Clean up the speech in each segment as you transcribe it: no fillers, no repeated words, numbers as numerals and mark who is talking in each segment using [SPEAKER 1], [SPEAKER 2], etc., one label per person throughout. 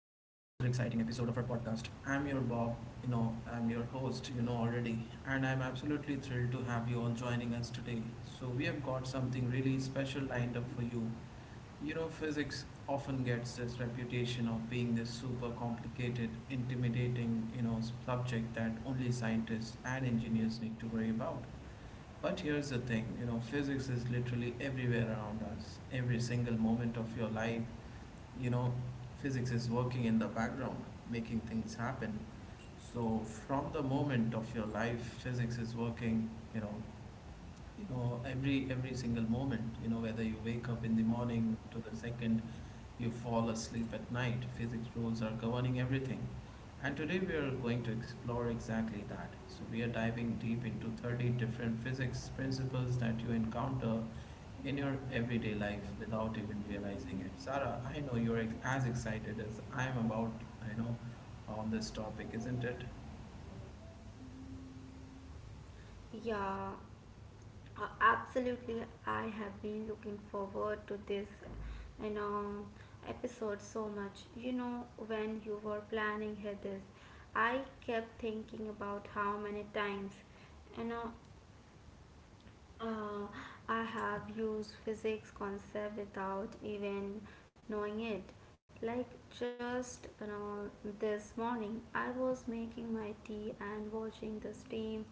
[SPEAKER 1] episode of our podcast. I'm your Bob, I'm your host, and I'm absolutely thrilled to have you all joining us today. So, we have got something really special lined up for you. Physics often gets this reputation of being this super complicated, intimidating, subject that only scientists and engineers need to worry about. But here's the thing, physics is literally everywhere around us. Every single moment of your life, you know physics is working in the background making things happen. So from the moment of your life physics is working. you know every single moment whether you wake up in the morning to the second you fall asleep at night, physics rules are governing everything. And today we are going to explore exactly that. So, we are diving deep into 30 different physics principles that you encounter in your everyday life without even realizing it. Sarah, I know as excited as I am about, you know, on this topic, isn't it?
[SPEAKER 2] Yeah, Absolutely. I have been looking forward to this you know, episode so much. You know, when you were planning here this, I kept thinking about how many times you know uh, I have used physics concept without even knowing it. Like just you know, this morning, I was making my tea and watching the steam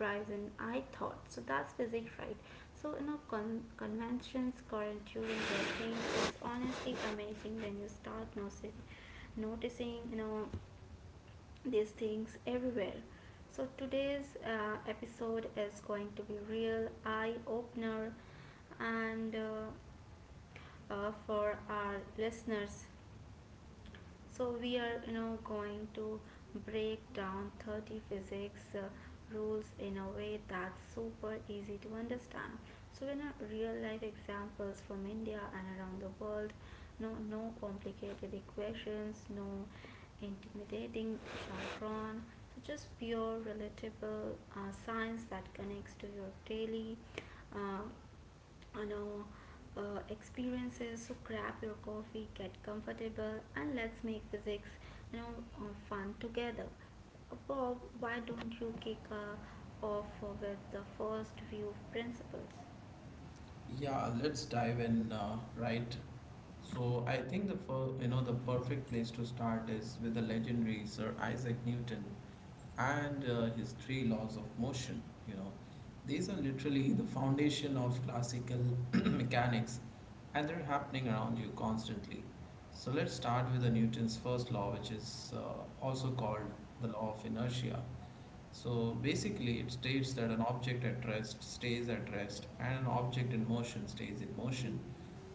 [SPEAKER 2] rise, and I thought, so that's physics, right? So you know, conventions controlling the thing is honestly amazing when you start noticing you know these things everywhere. So today's episode is going to be real eye opener and for our listeners so we are you know going to break down 30 physics rules in a way that's super easy to understand. So in a real life examples from India and around the world, no complicated equations, no intimidating jargon, so just pure relatable science that connects to your daily uh, you know experiences. So grab your coffee, get comfortable, and let's make physics you know fun together. Bob, why don't you kick off with the first view principles?
[SPEAKER 1] Yeah, let's dive in, right? So I think the the perfect place to start is with the legendary Sir Isaac Newton and his three laws of motion. You know, these are literally the foundation of classical mechanics, and they're happening around you constantly. So let's start with the Newton's first law, which is also called the law of inertia. So basically, it states that an object at rest stays at rest and an object in motion stays in motion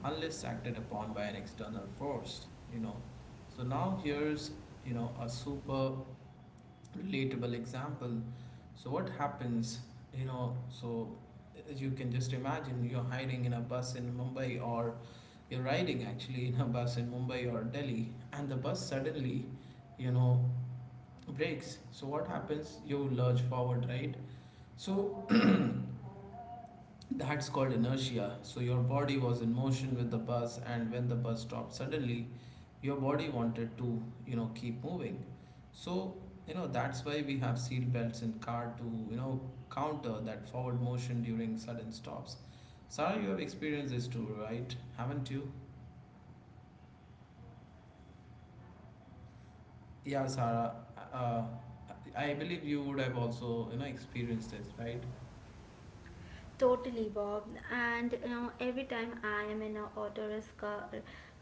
[SPEAKER 1] unless acted upon by an external force. you know. So now here's a super relatable example. So what happens, you know, so as you can just imagine you're riding actually in a bus in Mumbai or Delhi and the bus suddenly, you know, breaks. So what happens? You lurch forward, right? So that's called inertia. So your body was in motion with the bus, and when the bus stopped suddenly, your body wanted to, keep moving. So, that's why we have seat belts in car to, you know, counter that forward motion during sudden stops. Sarah, you have experienced this too, right? Haven't you? Yeah, Sarah. Uh, I believe you would have also, experienced this, right?
[SPEAKER 2] Totally, Bob. And you know, every time I am in a auto risk, uh,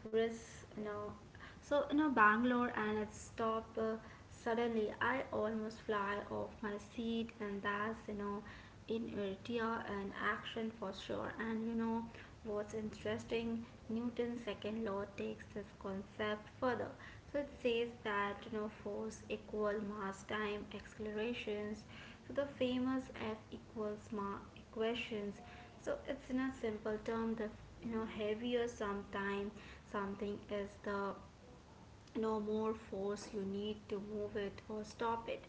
[SPEAKER 2] risk, you know, so you know, Bangalore and it stop. Suddenly, I almost fly off my seat, and that's you know, in inertia and action for sure. And you know, what's interesting, Newton's second law takes this concept further. So it says that you know force equal mass time accelerations. So the famous F equals ma equations. So it's in a simple term, the you know heavier sometime something is, the no more force you need to move it or stop it.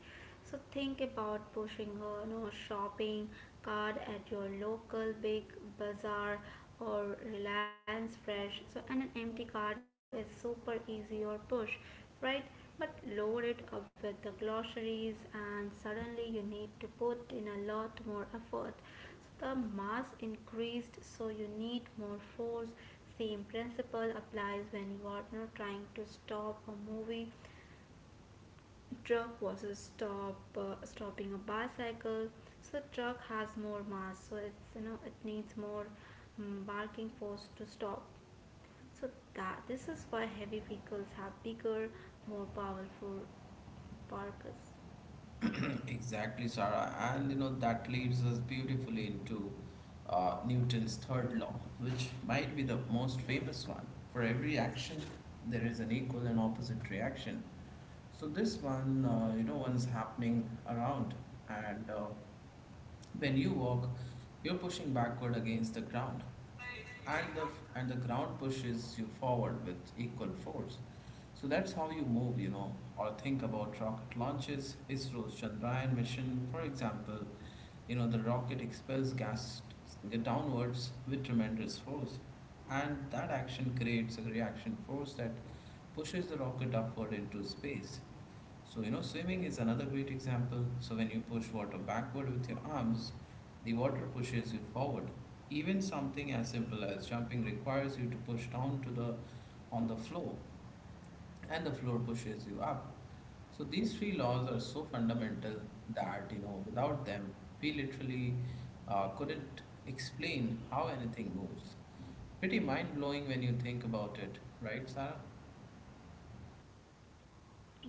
[SPEAKER 2] So think about pushing a no shopping cart at your local big bazaar or reliance fresh. So and an empty cart is super easy or push, right? But load it up with the groceries and suddenly you need to put in a lot more effort. The mass increased, so you need more force. Same principle applies when you are not trying to stop a moving truck versus stopping a bicycle. So truck has more mass, so it's you know it needs more barking force to stop. So that this is why heavy vehicles have bigger, more powerful barkers.
[SPEAKER 1] Exactly, Sarah. And that leads us beautifully into Newton's third law, which might be the most famous one. For every action, there is an equal and opposite reaction. So this one, one's happening around, and when you walk, you're pushing backward against the ground, and the ground pushes you forward with equal force. So that's how you move, or think about rocket launches, ISRO's Chandrayaan mission, for example. The rocket expels gas downwards with tremendous force, and that action creates a reaction force that pushes the rocket upward into space. So, swimming is another great example. So, when you push water backward with your arms, the water pushes you forward. Even something as simple as jumping requires you to push down to the on the floor, and the floor pushes you up. So these three laws are so fundamental that without them we literally couldn't explain how anything moves. Pretty mind blowing when you think about it, right, Sarah?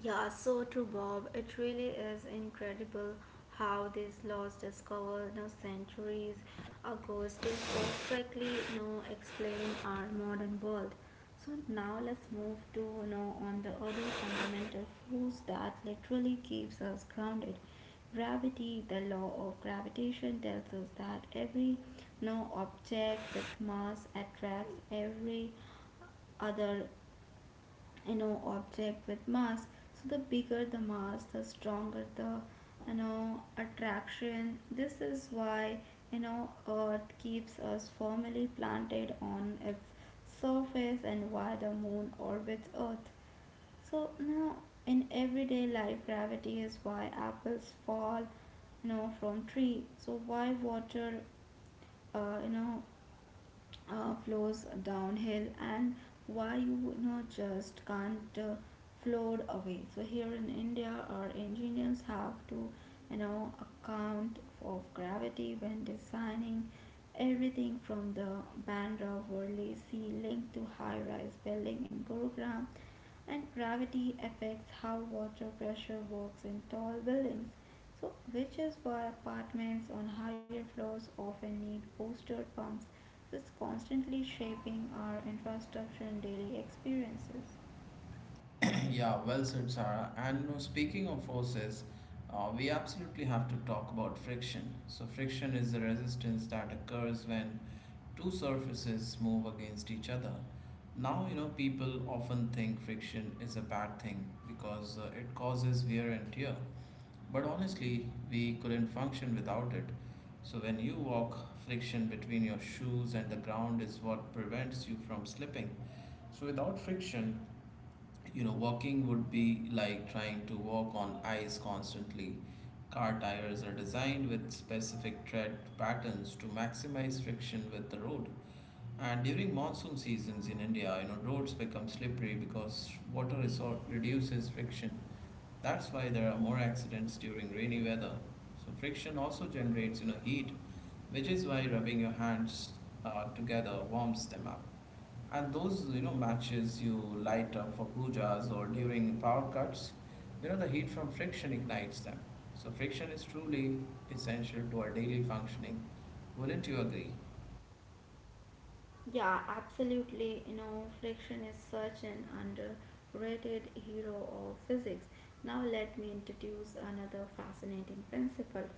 [SPEAKER 2] Yeah, so true, Bob. It really is incredible how these laws discovered you know, centuries ago still perfectly you know, explain our modern world. So now let's move to you know on the other fundamental force that literally keeps us grounded. Gravity, the law of gravitation tells us that every you know, object with mass attracts every other you know object with mass. So the bigger the mass, the stronger the you know attraction. This is why you know Earth keeps us firmly planted on its surface and why the Moon orbits Earth. So now in everyday life, gravity is why apples fall you know from tree, so why water uh, you know flows downhill and why you know just can't float away. So here in India our engineers have to you know account of gravity when designing everything from the Bandra Worli Sea Link to high rise building in Gurugram. And gravity affects how water pressure works in tall buildings, so, which is why apartments on higher floors often need booster pumps, which constantly shaping our infrastructure and daily experiences.
[SPEAKER 1] Yeah, well said, Sarah. And speaking of forces, we absolutely have to talk about friction. So friction is the resistance that occurs when two surfaces move against each other. Now, people often think friction is a bad thing because it causes wear and tear. But honestly, we couldn't function without it. So when you walk, friction between your shoes and the ground is what prevents you from slipping. So without friction, walking would be like trying to walk on ice constantly. Car tires are designed with specific tread patterns to maximize friction with the road. And during monsoon seasons in India, roads become slippery because reduces friction. That's why there are more accidents during rainy weather. So friction also generates, heat, which is why rubbing your hands together warms them up. And those, matches you light up for pujas or during power cuts, the heat from friction ignites them. So friction is truly essential to our daily functioning. Wouldn't you agree?
[SPEAKER 2] Yeah, absolutely. You know, friction is such an underrated hero of physics. Now, let me introduce another fascinating principle.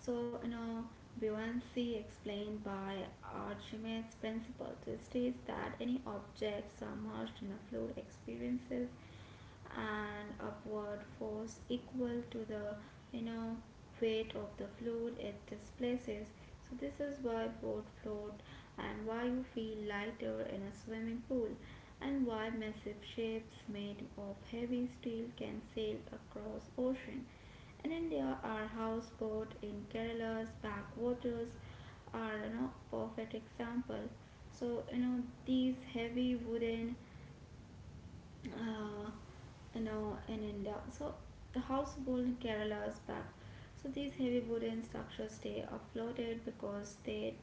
[SPEAKER 2] So, you know, buoyancy explained by Archimedes' principle, which states that any object submerged in a fluid experiences an upward force equal to the, you know, weight of the fluid it displaces. So this is why boats float and why you feel lighter in a swimming pool and why massive ships made of heavy steel can sail across ocean. In India, our houseboat in Kerala's backwaters are you know, perfect example. So you know these heavy uh, you know, in India. So the houseboat in Kerala's back. So these heavy wooden structures stay afloated because they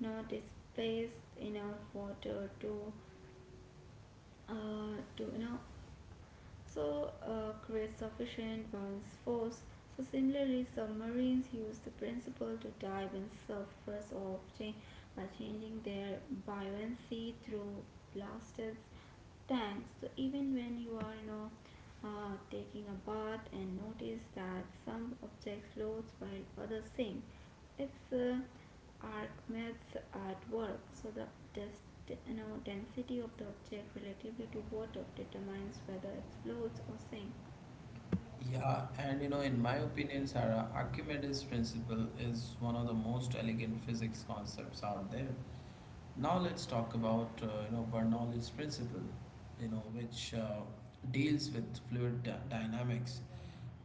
[SPEAKER 2] you know displaced enough water to, uh, to you know creates sufficient bounce force. So similarly, submarines use the principle to dive in surface often by changing their buoyancy through blasted tanks. So even when you are taking a bath and notice that some object floats while others sink, it's arc maps at work. So the dest, you know, density of the object relatively to water determines whether it floats or sinks.
[SPEAKER 1] Yeah, and in my opinion, Sarah, Archimedes' principle is one of the most elegant physics concepts out there. Now let's talk about Bernoulli's principle, which deals with dynamics.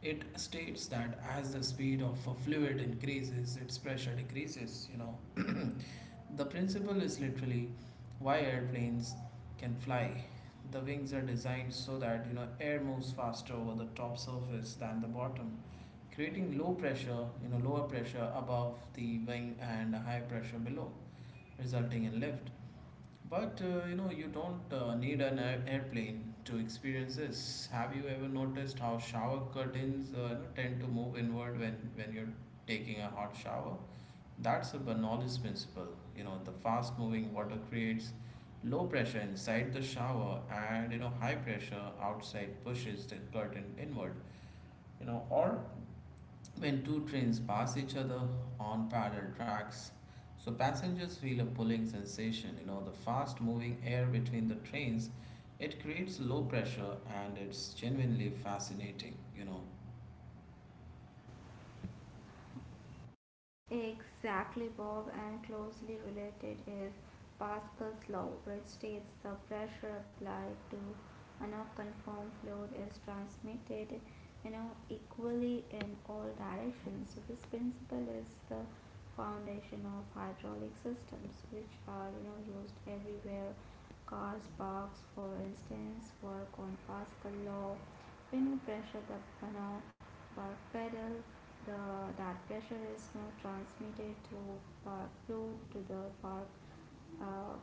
[SPEAKER 1] It states that as the speed of a fluid increases, its pressure decreases. The principle is literally why airplanes can fly. The wings are designed so that air moves faster over the top surface than the bottom, creating lower pressure above the wing and high pressure below, resulting in lift. But you don't need airplane to experience this. Have you ever noticed how shower curtains tend to move inward when you're taking a hot shower? That's a Bernoulli's principle. The fast moving water creates low pressure inside the shower and high pressure outside pushes the curtain inward. Or when two trains pass each other on parallel tracks. So passengers feel a pulling sensation, the fast moving air between the trains. It creates low pressure and it's genuinely fascinating.
[SPEAKER 2] Exactly, Bob, and closely related is Pascal's law, which states the pressure applied to a non-conform fluid is transmitted, you know, equally in all directions. So this principle is the foundation of hydraulic systems, which are you know used everywhere. Cars, parks, for instance, work on Pascal law pin pressure the now bar pedal the that pressure is now transmitted through bar flow to the bar uh,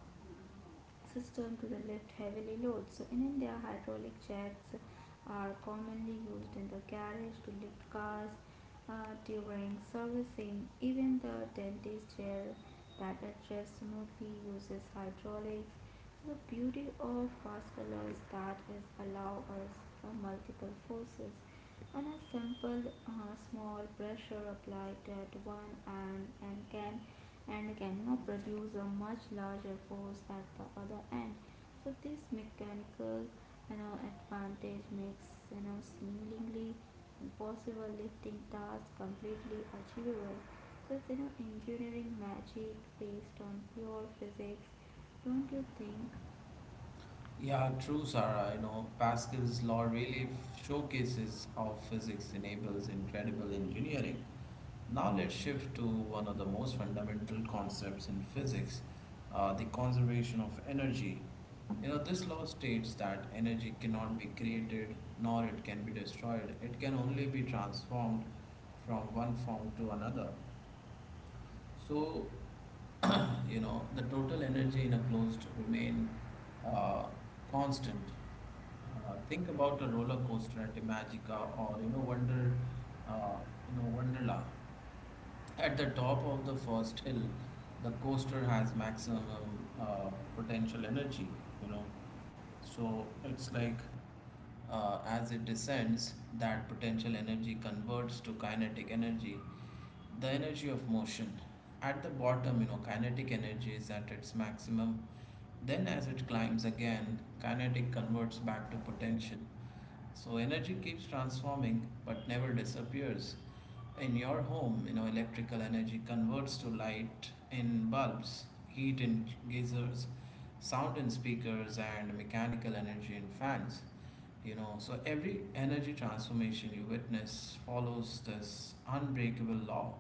[SPEAKER 2] system to the lift heavily loads. So in India, hydraulic jacks are commonly used in the garage to lift cars during servicing. Even the dentist chair that adjusts smoothly uses hydraulics. So the beauty of vascular is that it allows us for multiple forces. And a simple small pressure applied at one end and cannot produce a much larger force at the other end. So this mechanical you know, advantage makes you know seemingly impossible lifting task completely achievable. So it's you know engineering magic based on pure physics, don't you think?
[SPEAKER 1] Yeah, true, Sarah. Pascal's law really showcases how physics enables incredible engineering. Now let's shift to one of the most fundamental concepts in physics, the conservation of energy. This law states that energy cannot be created nor it can be destroyed. It can only be transformed from one form to another. So, the total energy in a closed remain uh, constant. Think about a roller coaster at Imagica or uh, Wonderla. At the top of the first hill, the coaster has maximum uh, potential energy. You know, so it's like As it descends, that potential energy converts to kinetic energy, the energy of motion. At the bottom kinetic energy is at its maximum. Then as it climbs again kinetic converts back to potential, so energy keeps transforming but never disappears. In your home electrical energy converts to light in bulbs, heat in geysers, sound in speakers, and mechanical energy in fans. So every energy transformation you witness follows this unbreakable law.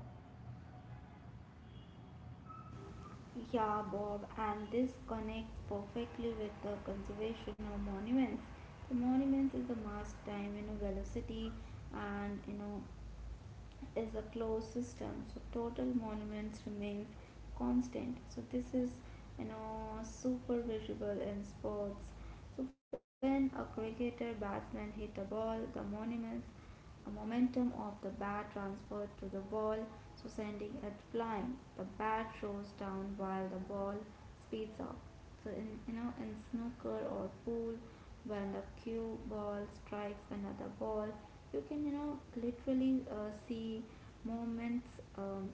[SPEAKER 2] Yeah, Bob, and this connects perfectly with the conservation of monuments. The monuments is a mass time, you know, velocity, and you know is a closed system. So total monuments remains constant. So this is you know super visible in sports. So when a cricketer batsman hit a ball, the monuments a momentum of the bat transferred to the ball, so sending it flying. The bat rolls down while the ball speeds up. So in you know in snooker or pool, when the cue ball strikes another ball, you can you know literally see moments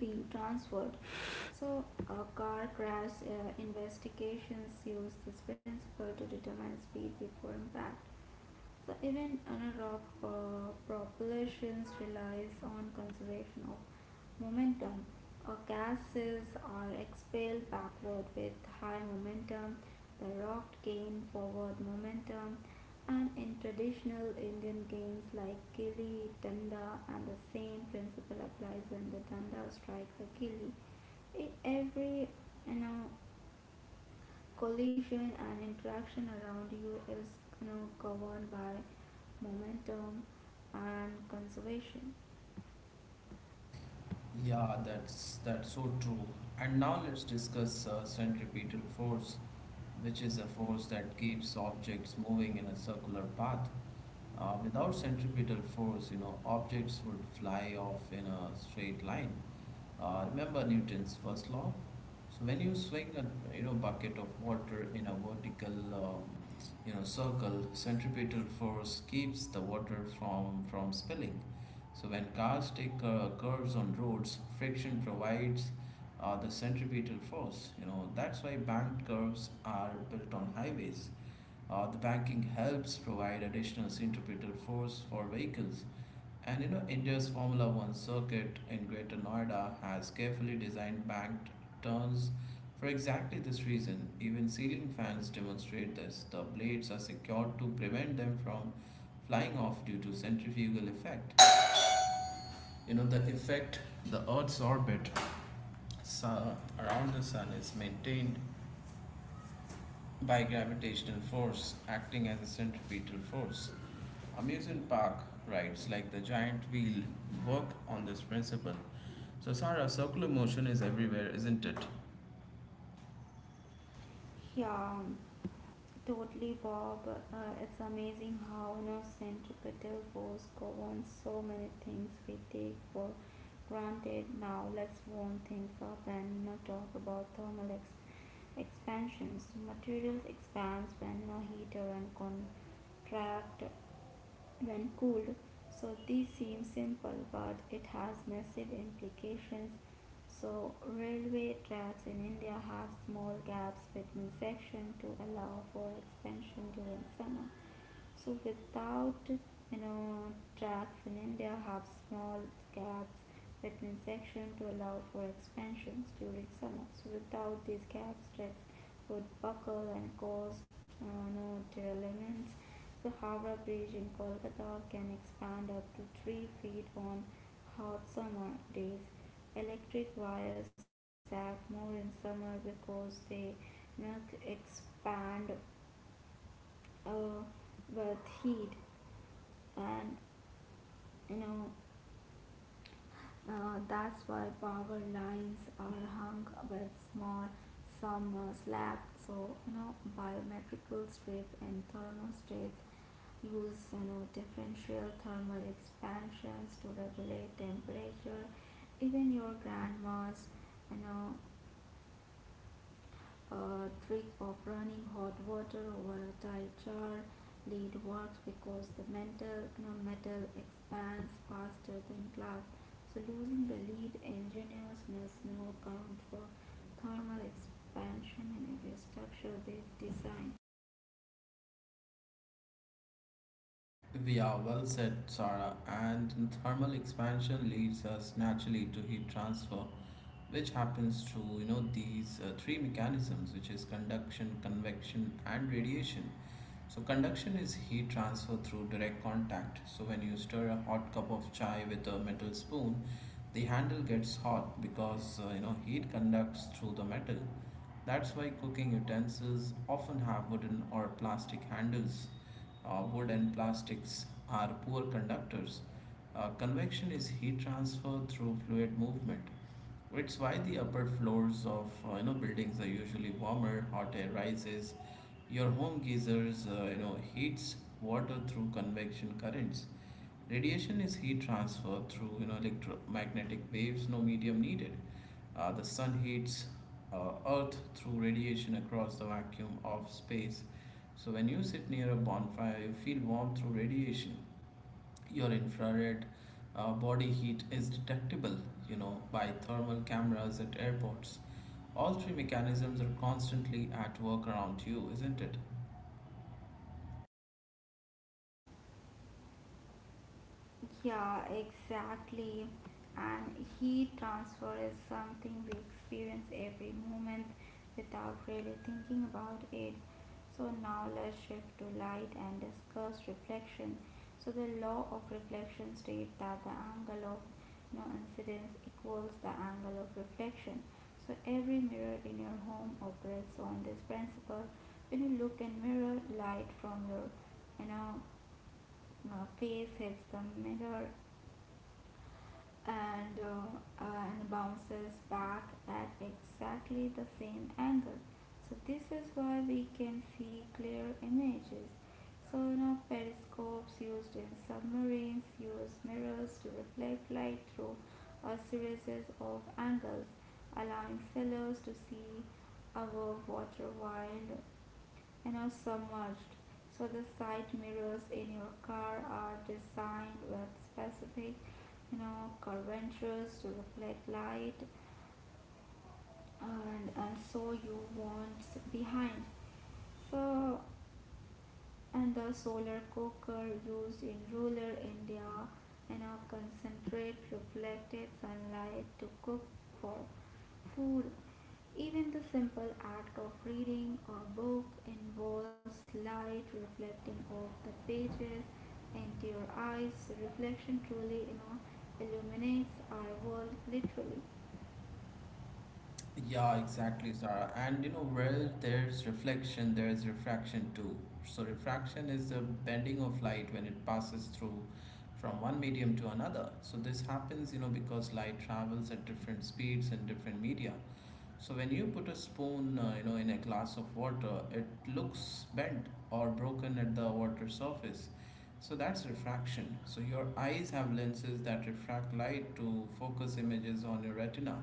[SPEAKER 2] being transferred. So car crash investigations use this principle to determine speed before impact. So even analog propulsions relies on conservation of momentum. A gases are expelled backward with high momentum. The rock gain forward momentum. And in traditional Indian games like Kili Danda, and the same principle applies when the Danda strikes a Kili. Every you know, collision and interaction around you is you know, governed by momentum and conservation.
[SPEAKER 1] Yeah, that's so true. And now let's discuss centripetal force, which is a force that keeps objects moving in a circular path. Without centripetal force, objects would fly off in a straight line. Remember Newton's first law? So when you swing a bucket of water in a vertical circle, centripetal force keeps the water from spilling. So when cars take curves on roads, friction provides the centripetal force. That's why banked curves are built on highways. The banking helps provide additional centripetal force for vehicles. And India's Formula One circuit in Greater Noida has carefully designed banked turns for exactly this reason. Even ceiling fans demonstrate this. The blades are secured to prevent them from flying off due to centrifugal effect. You know, the effect the Earth's orbit around the Sun is maintained by gravitational force acting as a centripetal force. Amusement park rides like the giant wheel work on this principle. So, Sarah, circular motion is everywhere, isn't it?
[SPEAKER 2] Yeah. Totally, Bob. It's amazing how innocent centripetal force governs so many things we take for granted. Now, let's warm things up and you know, talk about expansions. Materials expands when you know, heater and contract when cooled. So this seems simple, but it has massive implications. So railway tracks in India have small gaps between sections to allow for expansion during summer. So without you know tracks in India have small gaps between sections to allow for expansions during summer. So without these gaps, tracks would buckle and cause no derailments. So Howrah Bridge in Kolkata can expand up to 3 feet on hot summer days. Electric wires sag more in summer because they you know, expand uh, with heat and you know, that's why power lines are hung with small summer slack. So, you know, biometrical strip and thermostats use, you know, differential thermal expansions to regulate temperature. Even your grandma's, you know, trick of running hot water over a tight jar lead works because the metal expands faster than glass. So losing the lead, engineers must now account for thermal expansion in every structure they design.
[SPEAKER 1] We are well said, Sarah, and thermal expansion leads us naturally to heat transfer, which happens through these three mechanisms, which is conduction, convection, and radiation. So conduction is heat transfer through direct contact. So when you stir a hot cup of chai with a metal spoon, the handle gets hot because heat conducts through the metal. That's why cooking utensils often have wooden or plastic handles. Wood and plastics are poor conductors. Convection is heat transfer through fluid movement. It's why the upper floors of buildings are usually warmer. Hot air rises. Your home geysers, heats water through convection currents. Radiation is heat transfer through, electromagnetic waves. No medium needed. The sun heats Earth through radiation across the vacuum of space. So when you sit near a bonfire, you feel warm through radiation. Your infrared body heat is detectable, by thermal cameras at airports. All three mechanisms are constantly at work around you, isn't it?
[SPEAKER 2] Yeah, exactly. And heat transfer is something we experience every moment without really thinking about it. So now let's shift to light and discuss reflection. So the law of reflection states that the angle of no incidence equals the angle of reflection. So every mirror in your home operates on this principle. When you look in mirror, light from your you know face hits the mirror and, uh, uh, and bounces back at exactly the same angle. So this is why we can see clear images. So you know periscopes used in submarines use mirrors to reflect light through a series of angles, allowing sailors to see above water while you know, submerged. So the side mirrors in your car are designed with specific you know curvatures to reflect light and so you won't sit behind. So and the solar cooker used in rural India and a concentrate reflected sunlight to cook for food. Even the simple act of reading a book involves light reflecting off the pages into your eyes. Reflection truly, you know, illuminates our world literally.
[SPEAKER 1] Yeah, exactly, Sarah. And you know, where there's reflection, there's refraction too. So, refraction is the bending of light when it passes through from one medium to another. So, this happens, you know, because light travels at different speeds in different media. So, when you put a spoon, you know, in a glass of water, it looks bent or broken at the water surface. So, that's refraction. So, your eyes have lenses that refract light to focus images on your retina,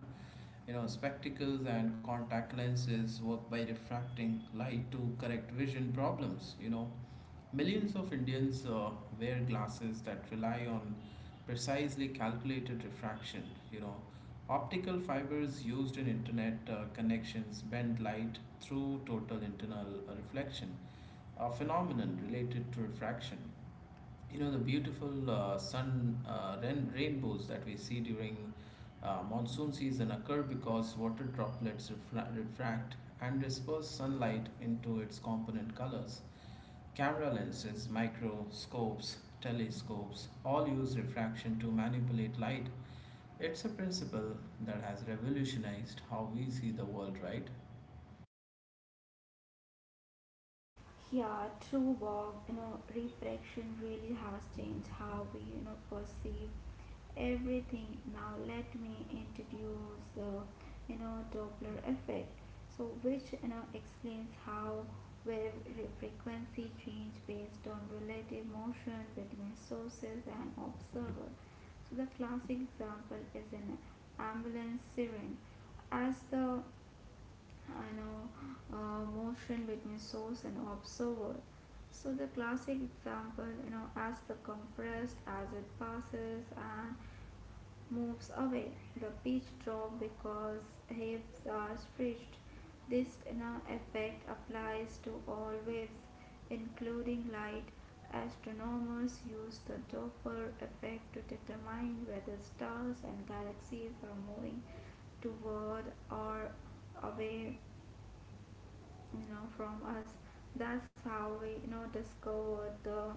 [SPEAKER 1] you know, spectacles and contact lenses work by refracting light to correct vision problems. You know, millions of Indians wear glasses that rely on precisely calculated refraction. You know, optical fibers used in internet connections bend light through total internal reflection, a phenomenon related to refraction. You know, the beautiful sun rainbows that we see during monsoon season occur because water droplets refract and disperse sunlight into its component colors. Camera lenses, microscopes, telescopes all use refraction to manipulate light. It's a principle that has revolutionized how we see the world, right?
[SPEAKER 2] Yeah, true, Bob. You know, reflection really has changed how we, you know, perceive everything. Now let me introduce the Doppler effect, which explains how wave frequency change based on relative motion between sources and observer. So the classic example is an ambulance siren. As the you know motion between source and observer. So the classic example, as the compressed as it passes and moves away. The pitch drops because waves are stretched. This effect applies to all waves, including light. Astronomers use the Doppler effect to determine whether stars and galaxies are moving toward or away, from us. That's how we discovered the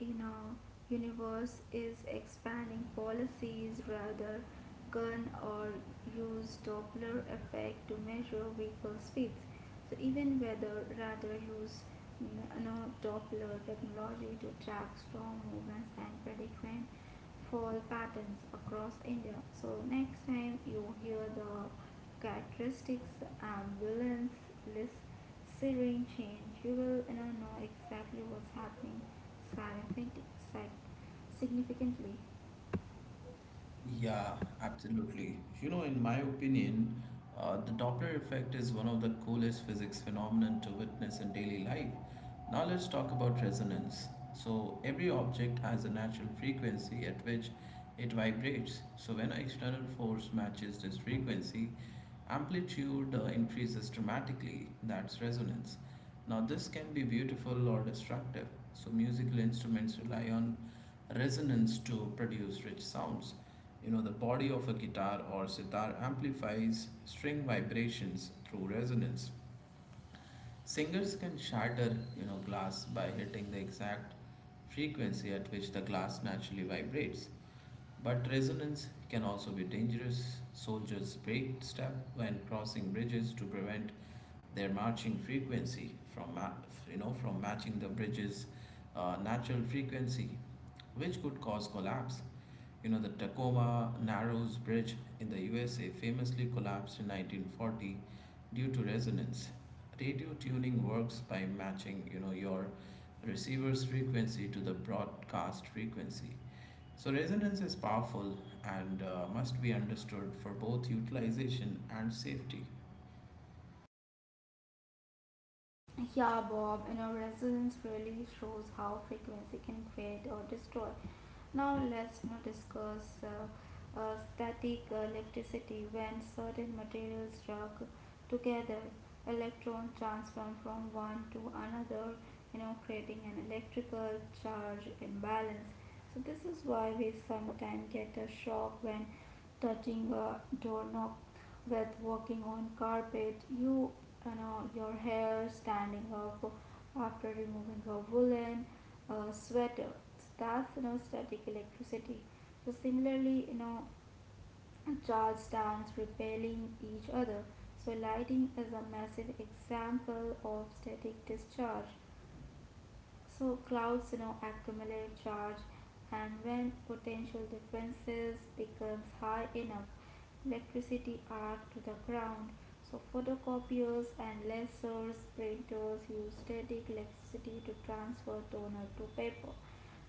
[SPEAKER 2] you know universe is expanding policies rather gun or use doppler effect to measure vehicle speeds. So even weather rather use you doppler technology to track storm movements and predict rain fall patterns across India. So next time you hear the characteristics ambulance list serene change, you will know exactly what's happening significantly.
[SPEAKER 1] Yeah, absolutely. You know, in my opinion, the Doppler effect is one of the coolest physics phenomenon to witness in daily life. Now let's talk about resonance. So every object has a natural frequency at which it vibrates. So when an external force matches this frequency, amplitude increases dramatically. That's resonance. Now this can be beautiful or destructive. So musical instruments rely on resonance to produce rich sounds. You know, the body of a guitar or sitar amplifies string vibrations through resonance. Singers can shatter, you know, glass by hitting the exact frequency at which the glass naturally vibrates. But resonance can also be dangerous. Soldiers break step when crossing bridges to prevent their marching frequency from you know from matching the bridge's natural frequency, which could cause collapse. You know, the Tacoma Narrows Bridge in the USA famously collapsed in 1940 due to resonance. Radio tuning works by matching, you know, your receiver's frequency to the broadcast frequency. So resonance is powerful and must be understood for both utilization and safety.
[SPEAKER 2] Yeah, Bob, and our resilience really shows how frequency can create or destroy. Now let's now discuss static electricity. When certain materials rock together, electrons transform from one to another, creating an electrical charge imbalance. So this is why we sometimes get a shock when touching a doorknob, with walking on carpet, you, your hair standing up after removing a woolen sweater. So that's static electricity. So similarly, charge stands repelling each other. So lighting is a massive example of static discharge. So clouds, accumulate charge, and when potential differences becomes high enough, electricity arc to the ground. So photocopiers and lasers, printers use static electricity to transfer toner to paper.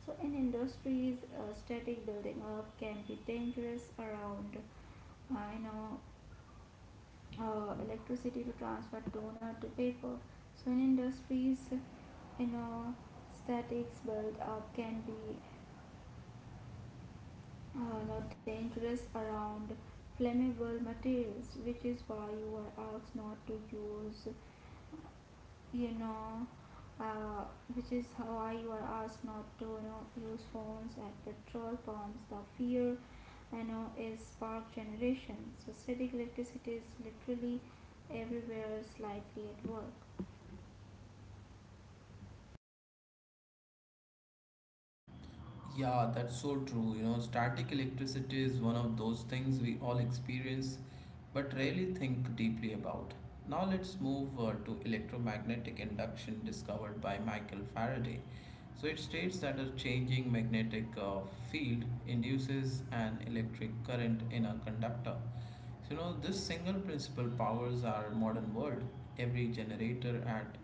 [SPEAKER 2] So in industries, static building up can be dangerous around, uh, you know, electricity to transfer toner to paper. So in industries, you know, statics build up can be you dangerous around flammable materials, which is why you are asked not to use, you know, uh, which is why you are asked not to use phones at petrol pumps. The fear Ano is spark generation. So static electricity is literally everywhere slightly at work.
[SPEAKER 1] Yeah, that's so true. You know, static electricity is one of those things we all experience but rarely think deeply about. Now, let's move to electromagnetic induction discovered by Michael Faraday. So, it states that a changing magnetic field induces an electric current in a conductor. So, you know, this single principle powers our modern world. Every generator at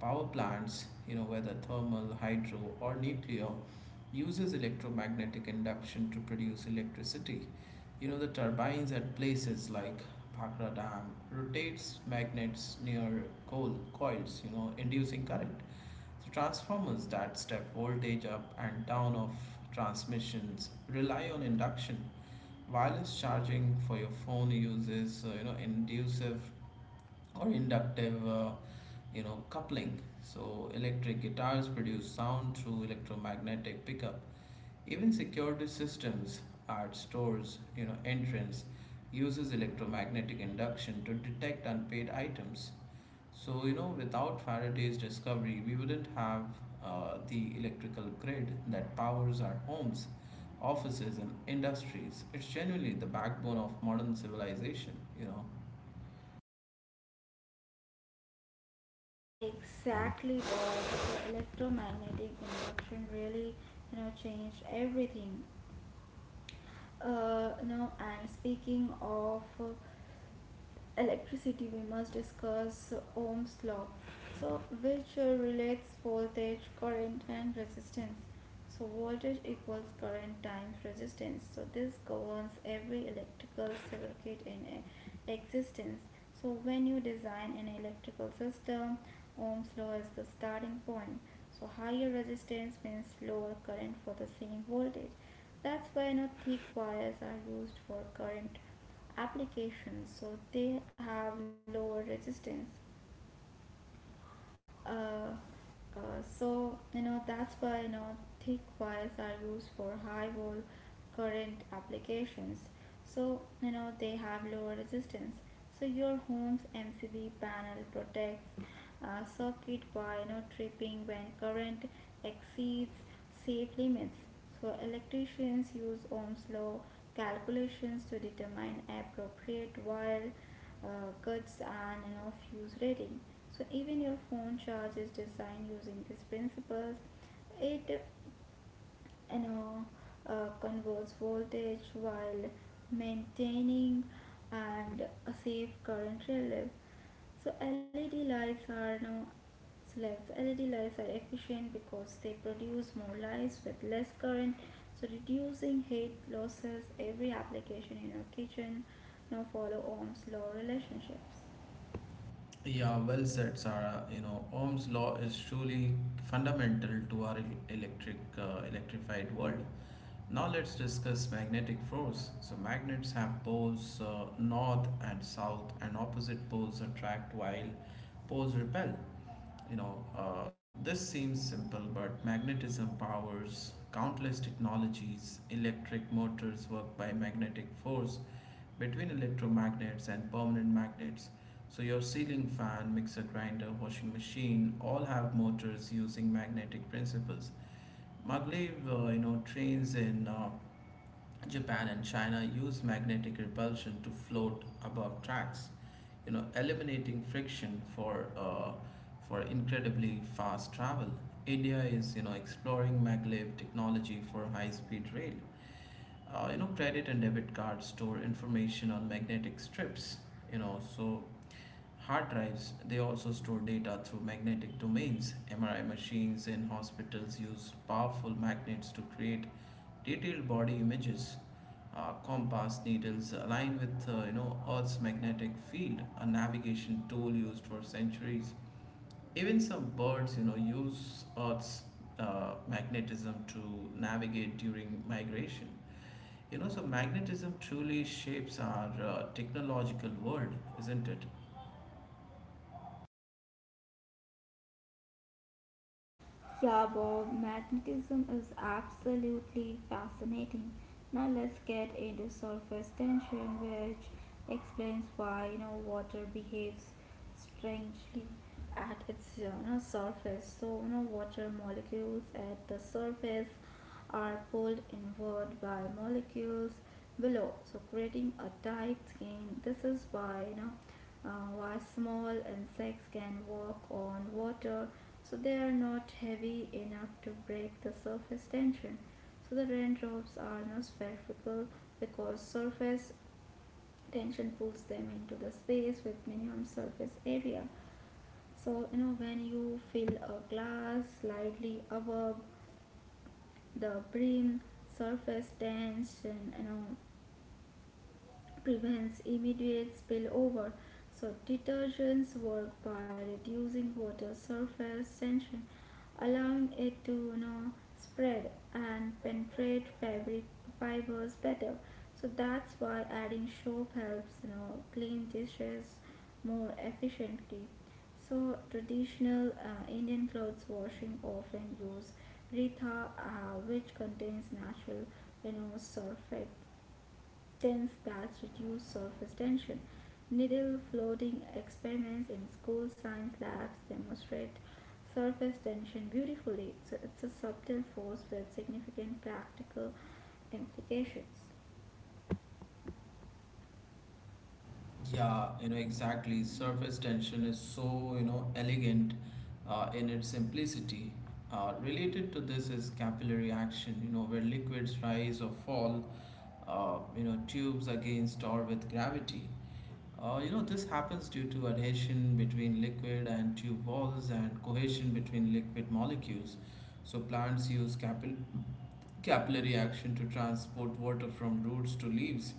[SPEAKER 1] power plants, you know, whether thermal, hydro, or nuclear, uses electromagnetic induction to produce electricity. You know, the turbines at places like Bhakra Dam rotates magnets near coal coils, you know, inducing current. So transformers that step voltage up and down of transmissions rely on induction, wireless charging for your phone uses you know inducive or inductive you know coupling. So electric guitars produce sound through electromagnetic pickup, even security systems at stores you know entrance uses electromagnetic induction to detect unpaid items. So, you know, without Faraday's discovery, we wouldn't have the electrical grid that powers our homes, offices, and industries. It's genuinely the backbone of modern civilization, you know.
[SPEAKER 2] Exactly, the electromagnetic induction really, changed everything. No, and speaking of electricity, we must discuss Ohm's law, which relates voltage, current, and resistance. So voltage equals current times resistance. So this governs every electrical circuit in existence. So when you design an electrical system, Ohm's law is the starting point. So higher resistance means lower current for the same voltage. That's why thick wires are used for current applications. So they have lower resistance. uh, that's why thick wires are used for high volt current applications, so they have lower resistance. So your home's MCB panel protects circuit by tripping when current exceeds safe limits. So electricians use Ohm's law calculations to determine appropriate wire cuts and fuse rating. So even your phone charge is designed using these principles. It you know, converts voltage while maintaining and a safe current relief. So LED lights are no slaves. LED lights are efficient because they produce more lights with less current, so reducing heat losses. Every application in your kitchen now follow Ohm's law relationships.
[SPEAKER 1] Yeah, well said, Sarah. You know, Ohm's law is truly fundamental to our electric electrified world. Now let's discuss magnetic force. So magnets have poles, north and south, and opposite poles attract while poles repel. You know, uh, this seems simple, but magnetism powers countless technologies. Electric motors work by magnetic force between electromagnets and permanent magnets. So, your ceiling fan, mixer grinder, washing machine all have motors using magnetic principles. Maglev, you know, trains in Japan and China use magnetic repulsion to float above tracks, you know, eliminating friction for incredibly fast travel. India is, you know, exploring maglev technology for high-speed rail. You know, credit and debit cards store information on magnetic strips. You know, so hard drives, they also store data through magnetic domains. MRI machines in hospitals use powerful magnets to create detailed body images. Compass needles align with you know Earth's magnetic field, a navigation tool used for centuries. Even some birds, you know, use Earth's magnetism to navigate during migration. You know, so magnetism truly shapes our technological world, isn't it?
[SPEAKER 2] Yeah, Bob, magnetism is absolutely fascinating. Now let's get into surface tension, which explains why water behaves strangely at its surface. So water molecules at the surface are pulled inward by molecules below, so creating a tight skin. This is why why small insects can walk on water, so they are not heavy enough to break the surface tension. So the raindrops are spherical because surface tension pulls them into the space with minimum surface area. So when you fill a glass slightly above the brim, surface tension prevents immediate spillover. So detergents work by reducing water surface tension, allowing it to spread and penetrate fabric fibers better. So that's why adding soap helps clean dishes more efficiently. So traditional Indian clothes washing often use Ritha, which contains natural sulfate resistance that reduce surface tension. Needle floating experiments in school science labs demonstrate surface tension beautifully, so it's a subtle force with significant practical implications.
[SPEAKER 1] Yeah, you know, exactly. Surface tension is so, you know, elegant in its simplicity. Related to this is capillary action, you know, where liquids rise or fall, you know, tubes against or with gravity. You know, this happens due to adhesion between liquid and tube walls and cohesion between liquid molecules. So plants use capillary action to transport water from roots to leaves.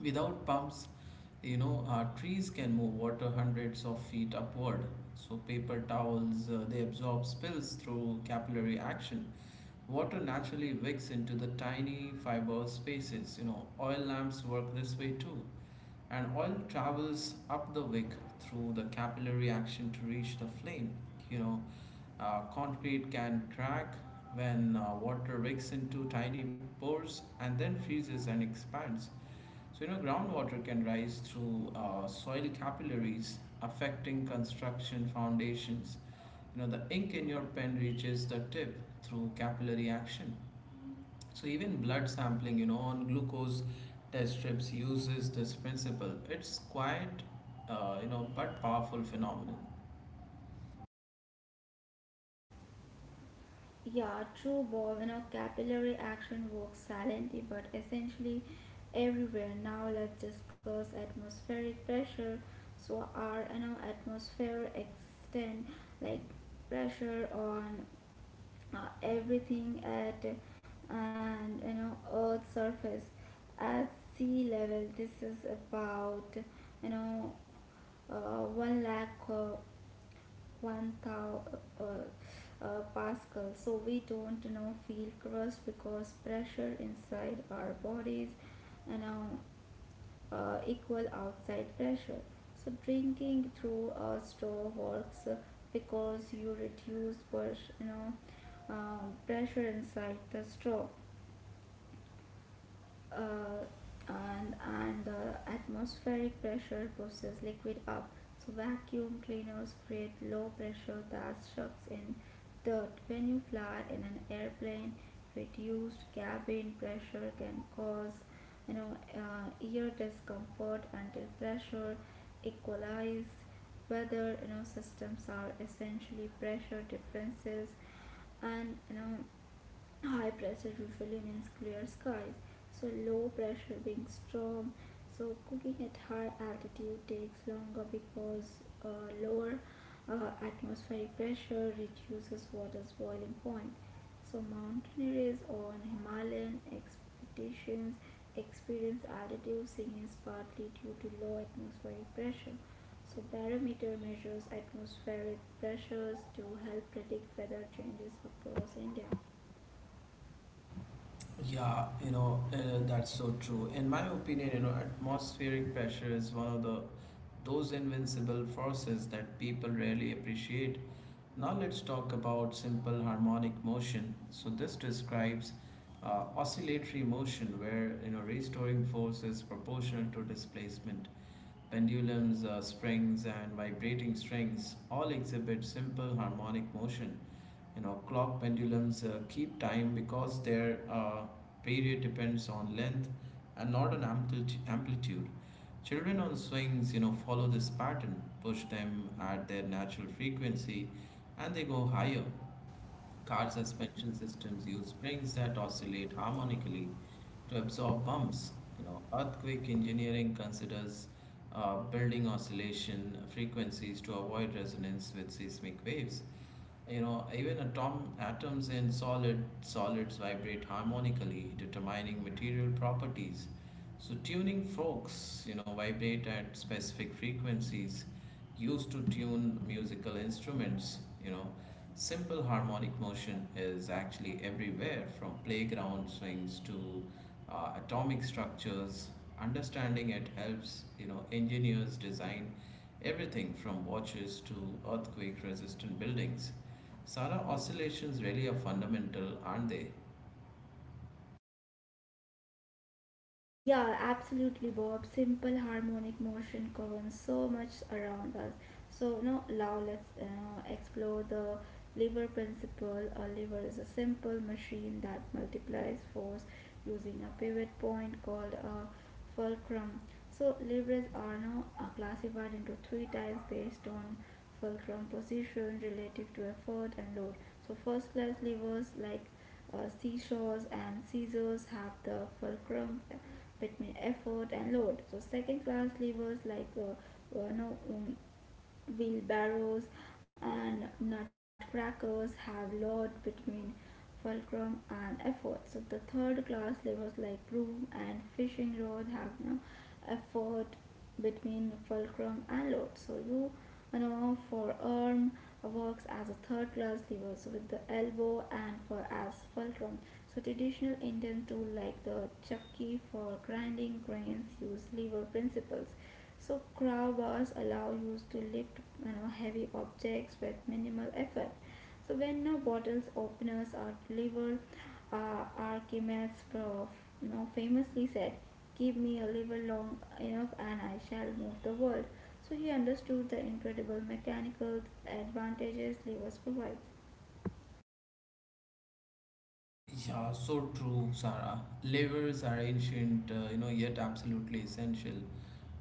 [SPEAKER 1] Without pumps, you know, trees can move water hundreds of feet upward. So paper towels, they absorb spills through capillary action. Water naturally wicks into the tiny fiber spaces. You know, oil lamps work this way too. And oil travels up the wick through the capillary action to reach the flame. You know, Concrete can crack when water wicks into tiny pores and then freezes and expands. So, you know, groundwater can rise through soil capillaries, affecting construction foundations. You know, the ink in your pen reaches the tip through capillary action. So, even blood sampling, you know, on glucose test strips uses this principle. It's quite, you know, but powerful phenomenon.
[SPEAKER 2] Yeah, true, Bob. You know, capillary action works silently but essentially everywhere. Now let's discuss atmospheric pressure. So our atmosphere extend like pressure on everything at and Earth's surface at sea level. This is about you know 1 lakh 1,000 uh, pascal. So we don't feel crust because pressure inside our bodies you know equal outside pressure. So drinking through a straw works because you reduce pressure inside the straw, uh, and the atmospheric pressure pushes liquid up. So vacuum cleaners create low pressure that sucks in dirt. When you fly in an airplane, reduced cabin pressure can cause ear discomfort until pressure equalizes. Whether systems are essentially pressure differences, and high pressure usually means clear skies, so low pressure being storm. So cooking at high altitude takes longer because lower atmospheric pressure reduces water's boiling point. So mountaineers on Himalayan expeditions experience altitude sickness partly due to low atmospheric pressure. So barometer measures atmospheric pressures to help predict weather changes across India.
[SPEAKER 1] Yeah, you know, that's so true. In my opinion, you know, atmospheric pressure is one of the those invincible forces that people rarely appreciate. Now let's talk about simple harmonic motion. So this describes oscillatory motion where you know restoring force is proportional to displacement. Pendulums, springs, and vibrating strings all exhibit simple harmonic motion. You know clock pendulums keep time because their period depends on length and not on amplitude. Children on swings you know follow this pattern, push them at their natural frequency and they go higher. Car suspension systems use springs that oscillate harmonically to absorb bumps. You know, earthquake engineering considers building oscillation frequencies to avoid resonance with seismic waves. You know, even atoms in solids vibrate harmonically, determining material properties. So tuning forks, you know, vibrate at specific frequencies used to tune musical instruments, you know. Simple harmonic motion is actually everywhere, from playground swings to atomic structures. Understanding it helps, you know, engineers design everything from watches to earthquake resistant buildings. Sarah, oscillations really are fundamental, aren't they?
[SPEAKER 2] Yeah, absolutely, Bob. Simple harmonic motion governs so much around us. So now let's explore the lever principle. A lever is a simple machine that multiplies force using a pivot point called a fulcrum. So levers are classified into three types based on fulcrum position relative to effort and load. So first class levers like seesaws and scissors have the fulcrum between effort and load. So second class levers like no, wheelbarrows and nutcrackers have load between fulcrum and effort. So the third class levers like broom and fishing rod have no effort between fulcrum and load. So for arm works as a third class levers with the elbow and for as fulcrum. So traditional Indian tool like the chakki for grinding grains use lever principles. So crowbars allow you to lift heavy objects with minimal effort. So when bottles openers are delivered, Archimedes famously said, "Give me a liver long enough, and I shall move the world." So he understood the incredible mechanical advantages levers provides.
[SPEAKER 1] Yeah, so true, Sarah. Levers are ancient, you know, yet absolutely essential.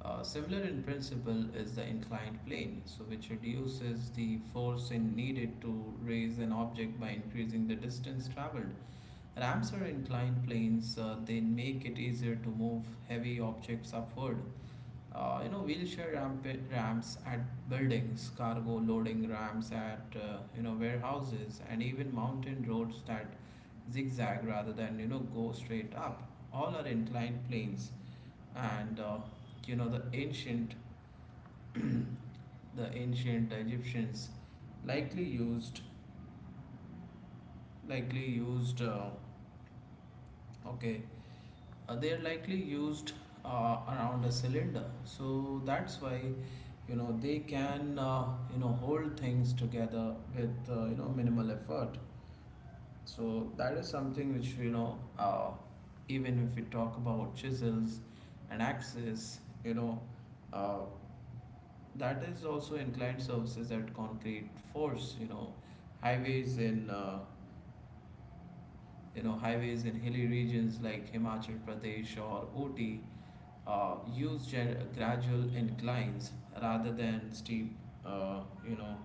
[SPEAKER 1] Similar in principle is the inclined plane, so which reduces the force in needed to raise an object by increasing the distance traveled. Ramps are inclined planes; they make it easier to move heavy objects upward. You know, wheelchair ramp ramps at buildings, cargo loading ramps at you know warehouses, and even mountain roads that zigzag rather than you know go straight up. All are inclined planes, and you know the ancient, the ancient Egyptians likely used likely used okay they're likely used around a cylinder, so that's why you know they can you know hold things together with you know minimal effort. So that is something which you know even if we talk about chisels and axes, you know uh, that is also inclined surfaces at concrete force. Highways in uh, you know highways in hilly regions like Himachal Pradesh or Ooty use gradual inclines rather than steep, uh, you know,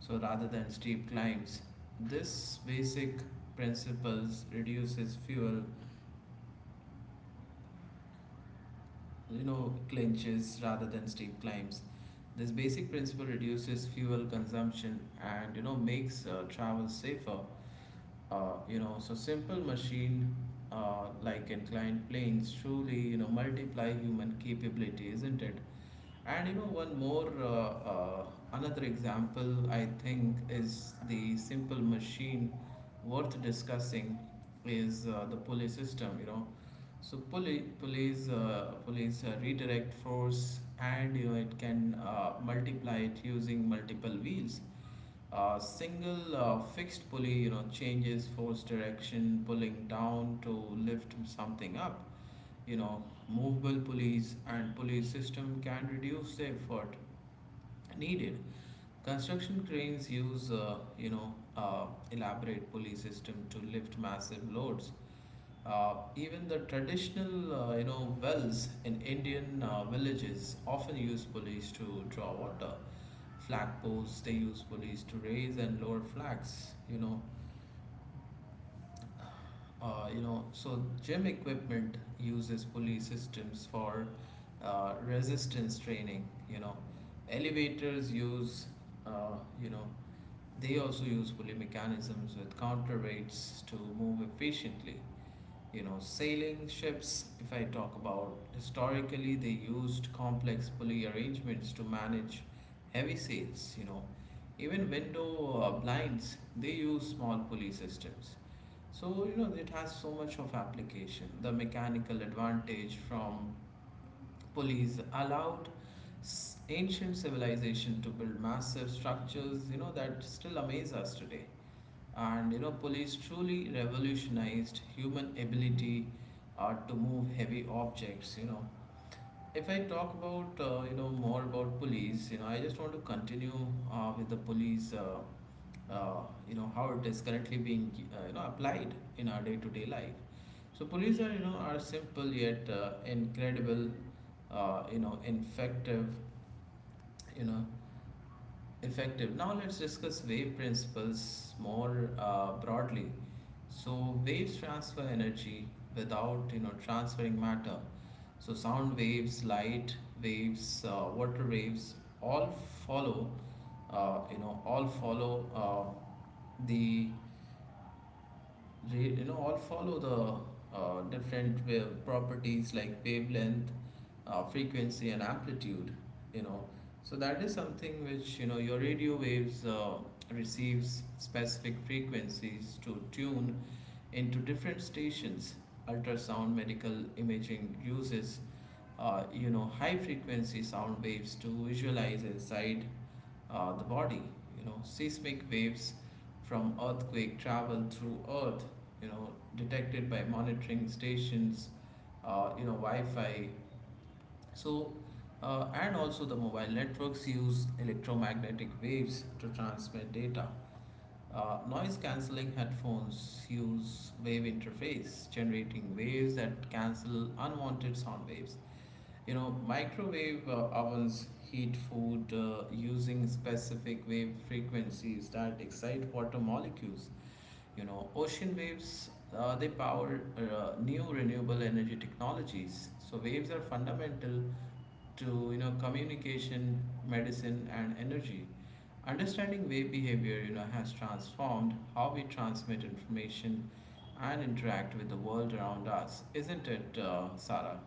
[SPEAKER 1] so rather than steep climbs this basic principles reduces fuel you know clinches rather than steep climbs, this basic principle reduces fuel consumption and you know makes travel safer. You know, so simple machine like inclined planes truly, you know, multiply human capability, isn't it? And you know, one more, another example I think is the simple machine worth discussing is the police system, you know. So police, police redirect force, and you know, it can multiply it using multiple wheels. A single fixed pulley, you know, changes force direction, pulling down to lift something up. You know, movable pulleys and pulley system can reduce the effort needed. Construction cranes use, you know, elaborate pulley system to lift massive loads. Even the traditional, you know, wells in Indian villages often use pulleys to draw water. Flag poles, they use pulleys to raise and lower flags. So gym equipment uses pulley systems for resistance training. You know, elevators use, uh, you know, they also use pulley mechanisms with counterweights to move efficiently. Sailing ships, if I talk about historically, they used complex pulley arrangements to manage heavy sails, even window blinds, they use small pulley systems. So it has so much of application. The mechanical advantage from pulleys allowed ancient civilization to build massive structures that still amaze us today. And police truly revolutionized human ability to move heavy objects. If I talk about more about police, I just want to continue with the police. Uh, how it is currently being applied in our day-to-day life. So police are are simple yet incredible, effective, you know effective. Now let's discuss wave principles more broadly. So waves transfer energy without transferring matter. So sound waves, light waves, water waves all follow you know all follow the re- you know all follow the different wave properties like wavelength, frequency, and amplitude you know so that is something which, your radio waves receives specific frequencies to tune into different stations. Ultrasound medical imaging uses high frequency sound waves to visualize inside the body. Seismic waves from earthquake travel through Earth, You know, detected by monitoring stations. Wi-Fi. So, and also the mobile networks use electromagnetic waves to transmit data. Noise cancelling headphones use wave interface, generating waves that cancel unwanted sound waves. Microwave ovens heat food using specific wave frequencies that excite water molecules. Ocean waves, they power new renewable energy technologies. So waves are fundamental to, communication, medicine, and energy. Understanding wave behavior, has transformed how we transmit information and interact with the world around us, isn't it, Sarah?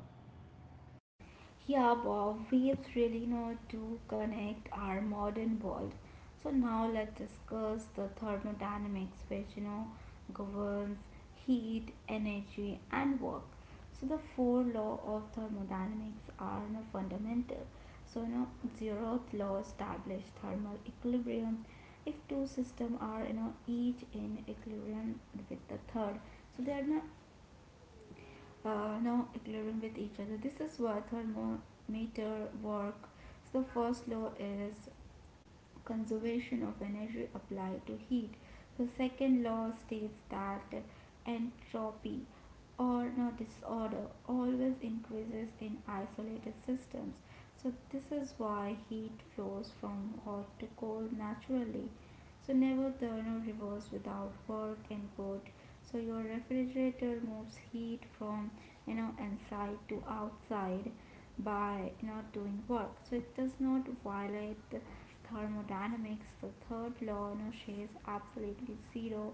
[SPEAKER 2] Yeah, Bob, we've really know to connect our modern world. So now let's discuss the thermodynamics, which governs heat, energy, and work. So the four law of thermodynamics are fundamental. So zeroth law established thermal equilibrium. If two systems are each in equilibrium with the third, so they are not now occurring with each other. This is what thermometer work. So the first law is conservation of energy applied to heat. The second law states that entropy or no disorder always increases in isolated systems. So this is why heat flows from hot to cold naturally. So never the no reverse without work input. So your refrigerator moves heat from inside to outside by not doing work. So it does not violate the thermodynamics. The third law no shares absolutely zero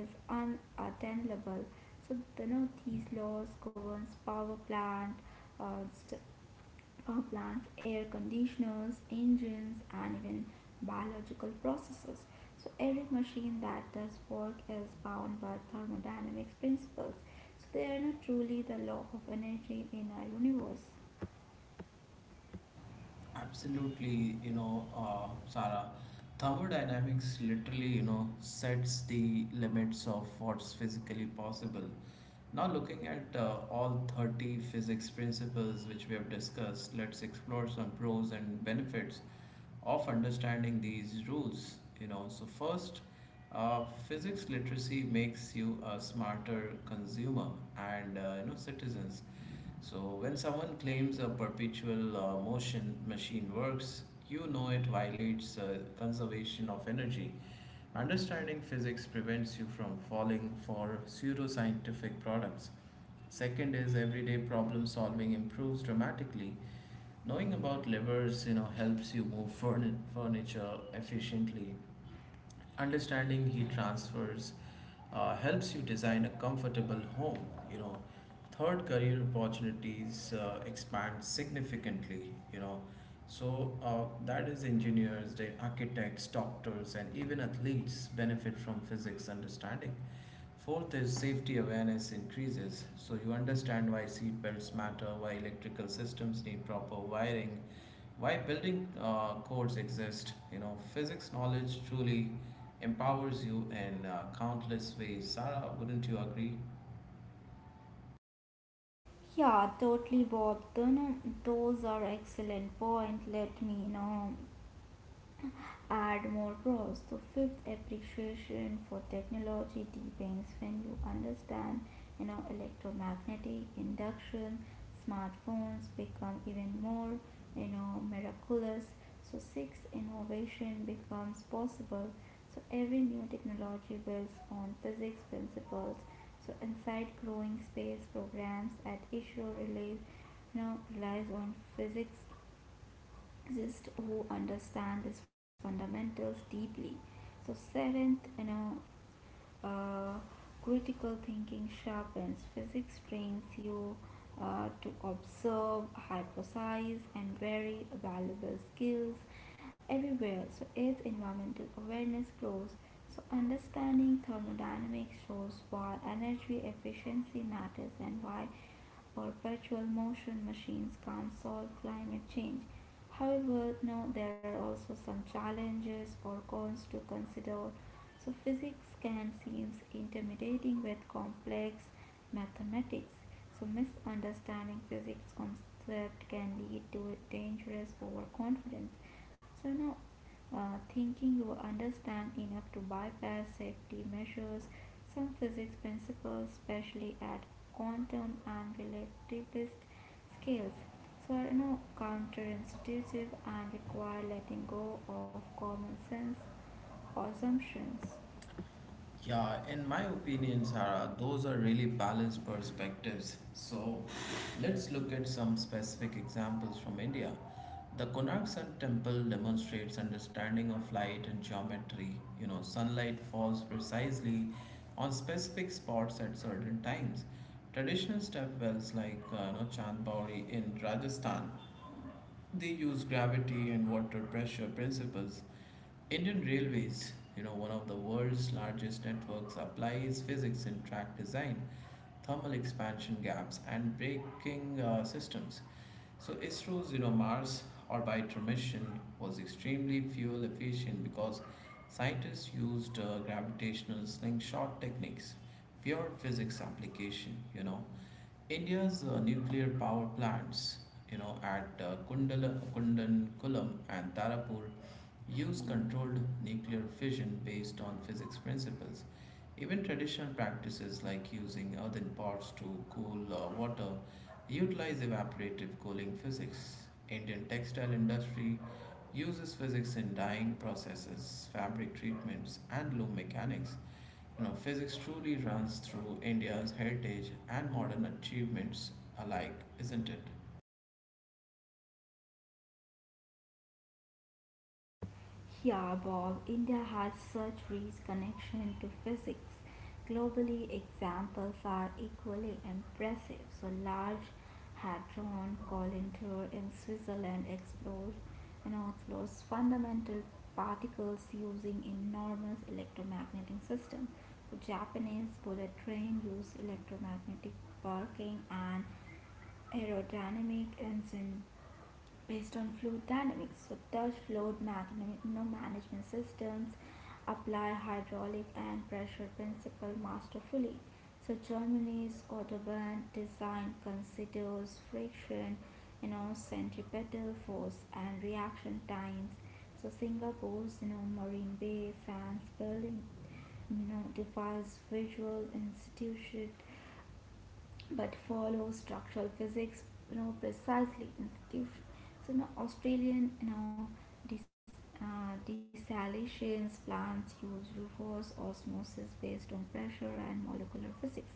[SPEAKER 2] is unattainable. So these laws governs uh, power plants, air conditioners, engines, and even biological processes. So every machine that does work is bound by thermodynamics principles. So they are not truly the law of energy in our universe.
[SPEAKER 1] Absolutely, Sarah, thermodynamics literally, sets the limits of what's physically possible. Now, looking at all 30 physics principles which we have discussed, let's explore some pros and benefits of understanding these rules. So first, physics literacy makes you a smarter consumer and citizens. So when someone claims a perpetual motion machine works, it violates conservation of energy. Understanding physics prevents you from falling for pseudoscientific products. Second is everyday problem solving improves dramatically. Knowing about levers, helps you move furniture efficiently. Understanding heat transfers helps you design a comfortable home you know Third, career opportunities expand significantly, so that is engineers, the architects, doctors, and even athletes benefit from physics understanding. Fourth is safety awareness increases. So you understand why seat belts matter, why electrical systems need proper wiring, why building codes exist. Physics knowledge truly empowers you in countless ways. Sarah, wouldn't you agree?
[SPEAKER 2] Yeah, totally, Bob. Tho- No, those are excellent point. Let me now add more pros. The fifth appreciation for technology deepens when you understand, electromagnetic induction. Smartphones become even more, miraculous. So sixth, innovation becomes possible. So every new technology builds on physics principles. So inside growing space programs at issue release now relies on physicists who understand these fundamentals deeply. So seventh, uh, critical thinking sharpens. Physics trains you to observe, hypothesize, and vary valuable skills everywhere. So eighth, environmental awareness grows. So understanding thermodynamics shows why energy efficiency matters and why perpetual motion machines can't solve climate change. However, now there are also some challenges or cons to consider. So physics can seem intimidating with complex mathematics. So misunderstanding physics concept can lead to dangerous overconfidence. So now, thinking you understand enough to bypass safety measures, some physics principles, especially at quantum and relativist scales, were now counterintuitive and require letting go of common sense assumptions.
[SPEAKER 1] Yeah, in my opinion, Sarah, those are really balanced perspectives. So let's look at some specific examples from India. The Konark Sun Temple demonstrates understanding of light and geometry. You know, sunlight falls precisely on specific spots at certain times. Traditional step wells like Chandbauri in Rajasthan, they use gravity and water pressure principles. Indian Railways, one of the world's largest networks, applies physics in track design, thermal expansion gaps, and braking systems. So ISRO's, Mars orbiter mission was extremely fuel efficient because scientists used gravitational slingshot techniques, pure physics application. You know, India's nuclear power plants, at Kundankulam and Tarapur use controlled nuclear fission based on physics principles. Even traditional practices like using earthen pots to cool water utilize evaporative cooling physics. Indian textile industry uses physics in dyeing processes, fabric treatments, and loom mechanics. You know, physics truly runs through India's heritage and modern achievements alike, isn't it?
[SPEAKER 2] Yeah, Bob, India has such rich connection to physics. Globally, examples are equally impressive. So Large Hadron Collider in Switzerland explores fundamental particles using enormous electromagnetic system. So Japanese bullet train use electromagnetic parking and aerodynamic engine based on fluid dynamics. So Dutch fluid management systems apply hydraulic and pressure principle masterfully. So Germany's Autobahn design considers friction, centripetal force and reaction times. So Singapore's, Marine Bay, France, Berlin, device visual institution but follow structural physics precisely institution. So now Australian des, desalinations plants use reverse osmosis based on pressure and molecular physics.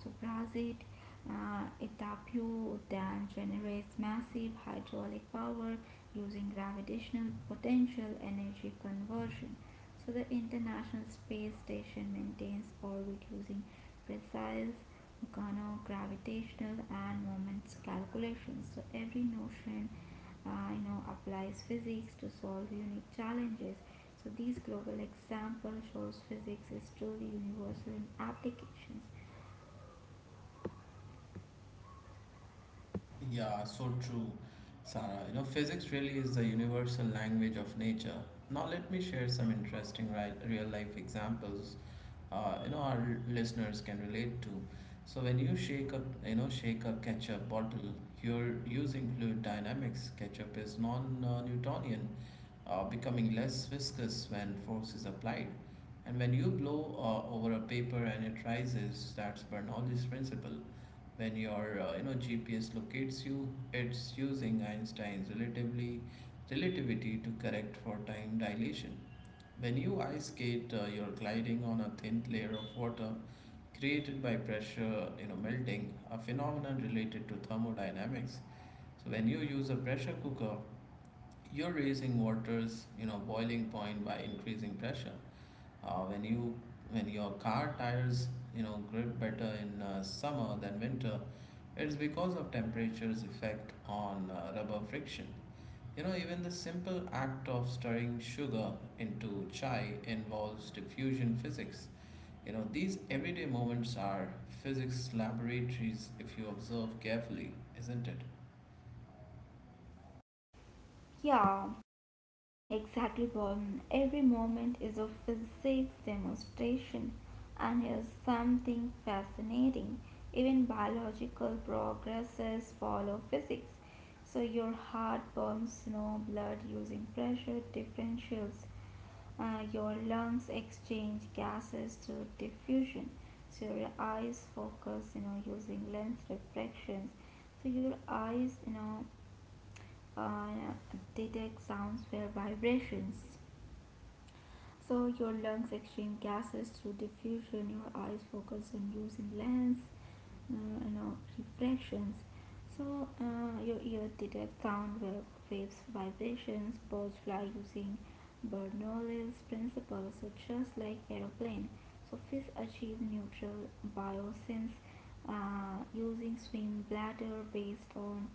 [SPEAKER 2] So Brazil Itaipu dam generates massive hydraulic power using gravitational potential energy conversion. So the International Space Station maintains orbit using precise gravitational and moments calculations. So every notion applies physics to solve unique challenges. So these global example shows physics is truly universal in applications.
[SPEAKER 1] Yeah, so true, Sarah. You know, physics really is the universal language of nature. Now, let me share some interesting real life examples our listeners can relate to. So, when you shake a ketchup bottle, you're using fluid dynamics. Ketchup is non-Newtonian, becoming less viscous when force is applied. And when you blow over a paper and it rises, that's Bernoulli's principle. When your GPS locates you, it's using Einstein's relatively relativity to correct for time dilation. When you ice skate, you're gliding on a thin layer of water created by pressure, melting, a phenomenon related to thermodynamics. So when you use a pressure cooker, you're raising water's, boiling point by increasing pressure. uh, when you when your car tires, grip better in summer than winter, it's because of temperature's effect on rubber friction. Even the simple act of stirring sugar into chai involves diffusion physics. These everyday moments are physics laboratories if you observe carefully, isn't it?
[SPEAKER 2] Yeah. Exactly, Paul. Every moment is a physics demonstration, and here's something fascinating. Even biological progresses follow physics. So your heart pumps no blood using pressure differentials. Your lungs exchange gases through diffusion. So your eyes focus, using lens refractions. So your eyes, uh, detect sounds via vibrations. So your lungs exchange gases through diffusion, your eyes focus on using lens, refractions. So your ear detect waves, vibrations. Birds fly using Bernoulli's principle, so just like aeroplane. So fish achieve neutral biosense using swim bladder based on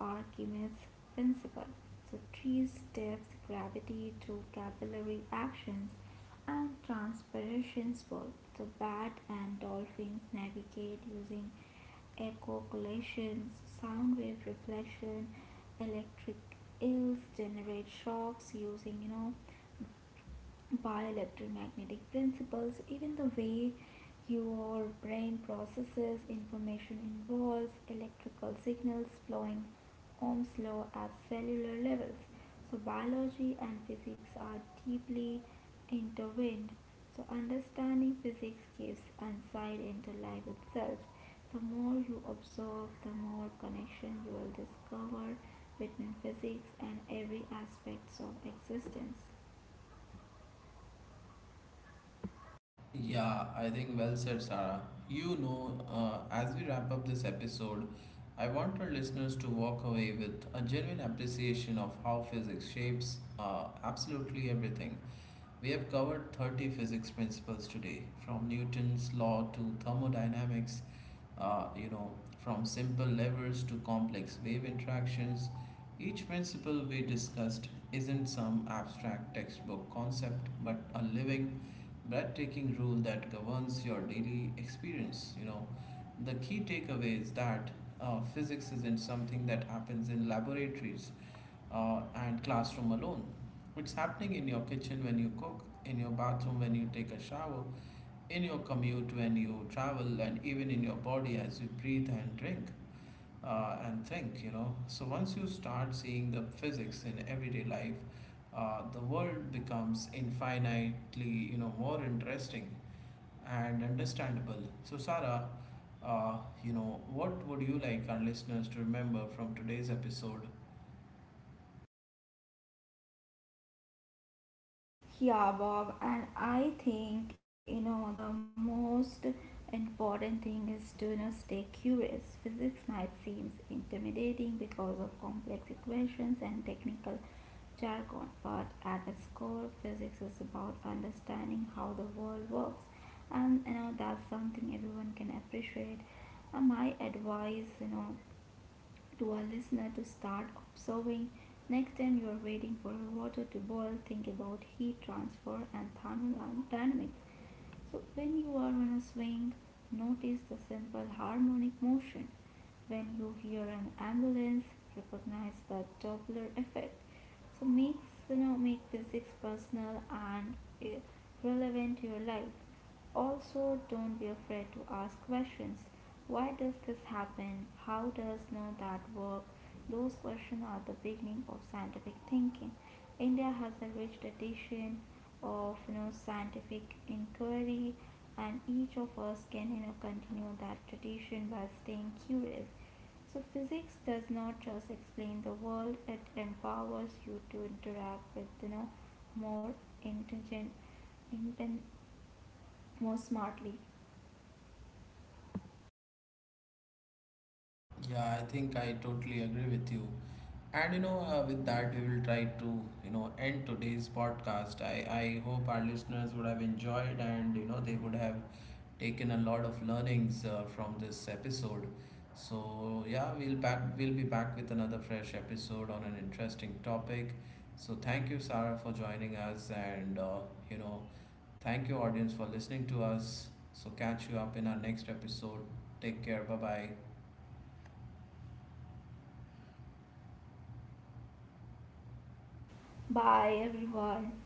[SPEAKER 2] Archimedes' principle. So three steps gravity through capillary actions and transpiration. Both. The bat and dolphins navigate using echocolations, sound wave reflection. Electric eels generate shocks using by electromagnetic principles. Even the way your brain processes information involves electrical signals flowing Ohm's law at cellular levels. So biology and physics are deeply intertwined. So understanding physics gives insight into life itself. The more you observe, the more connection you will discover between physics and every aspect of existence.
[SPEAKER 1] Yeah, I think well said, Sarah. You know, as we wrap up this episode, I want our listeners to walk away with a genuine appreciation of how physics shapes absolutely everything. We have covered 30 physics principles today, from Newton's law to thermodynamics, uh, you know, from simple levers to complex wave interactions. Each principle we discussed isn't some abstract textbook concept but a living, breathtaking rule that governs your daily experience. You know, the key takeaway is that physics isn't something that happens in laboratories and classroom alone. It's happening in your kitchen when you cook, in your bathroom when you take a shower, in your commute when you travel, and even in your body as you breathe and drink and think, So once you start seeing the physics in everyday life, the world becomes infinitely, more interesting and understandable. So, Sarah, uh, what would you like our listeners to remember from today's episode?
[SPEAKER 2] Yeah, Bob, and I think the most important thing is to stay curious. Physics might seem intimidating because of complex equations and technical jargon, but at its core, physics is about understanding how the world works, and that's something everyone can appreciate. And my advice, to our listener to start observing. Next time you are waiting for water to boil, think about heat transfer and thermodynamics. So when you are on a swing, notice the simple harmonic motion. When you hear an ambulance, recognize the Doppler effect. So make make physics personal and eh, relevant to your life. Also, don't be afraid to ask questions. Why does this happen? How does know that work? Those questions are the beginning of scientific thinking. India has a rich tradition of scientific inquiry, and each of us can continue that tradition by staying curious. So physics does not just explain the world, it empowers you to interact with more intelligent inten- more smartly.
[SPEAKER 1] Yeah, I think I totally agree with you. And you know, with that, we will try to end today's podcast. I hope our listeners would have enjoyed, and they would have taken a lot of learnings from this episode. So yeah, we'll be back with another fresh episode on an interesting topic. So thank you, Sarah, for joining us, and you know, thank you, audience, for listening to us. So catch you up in our next episode. Take care. Bye bye.
[SPEAKER 2] Bye everyone.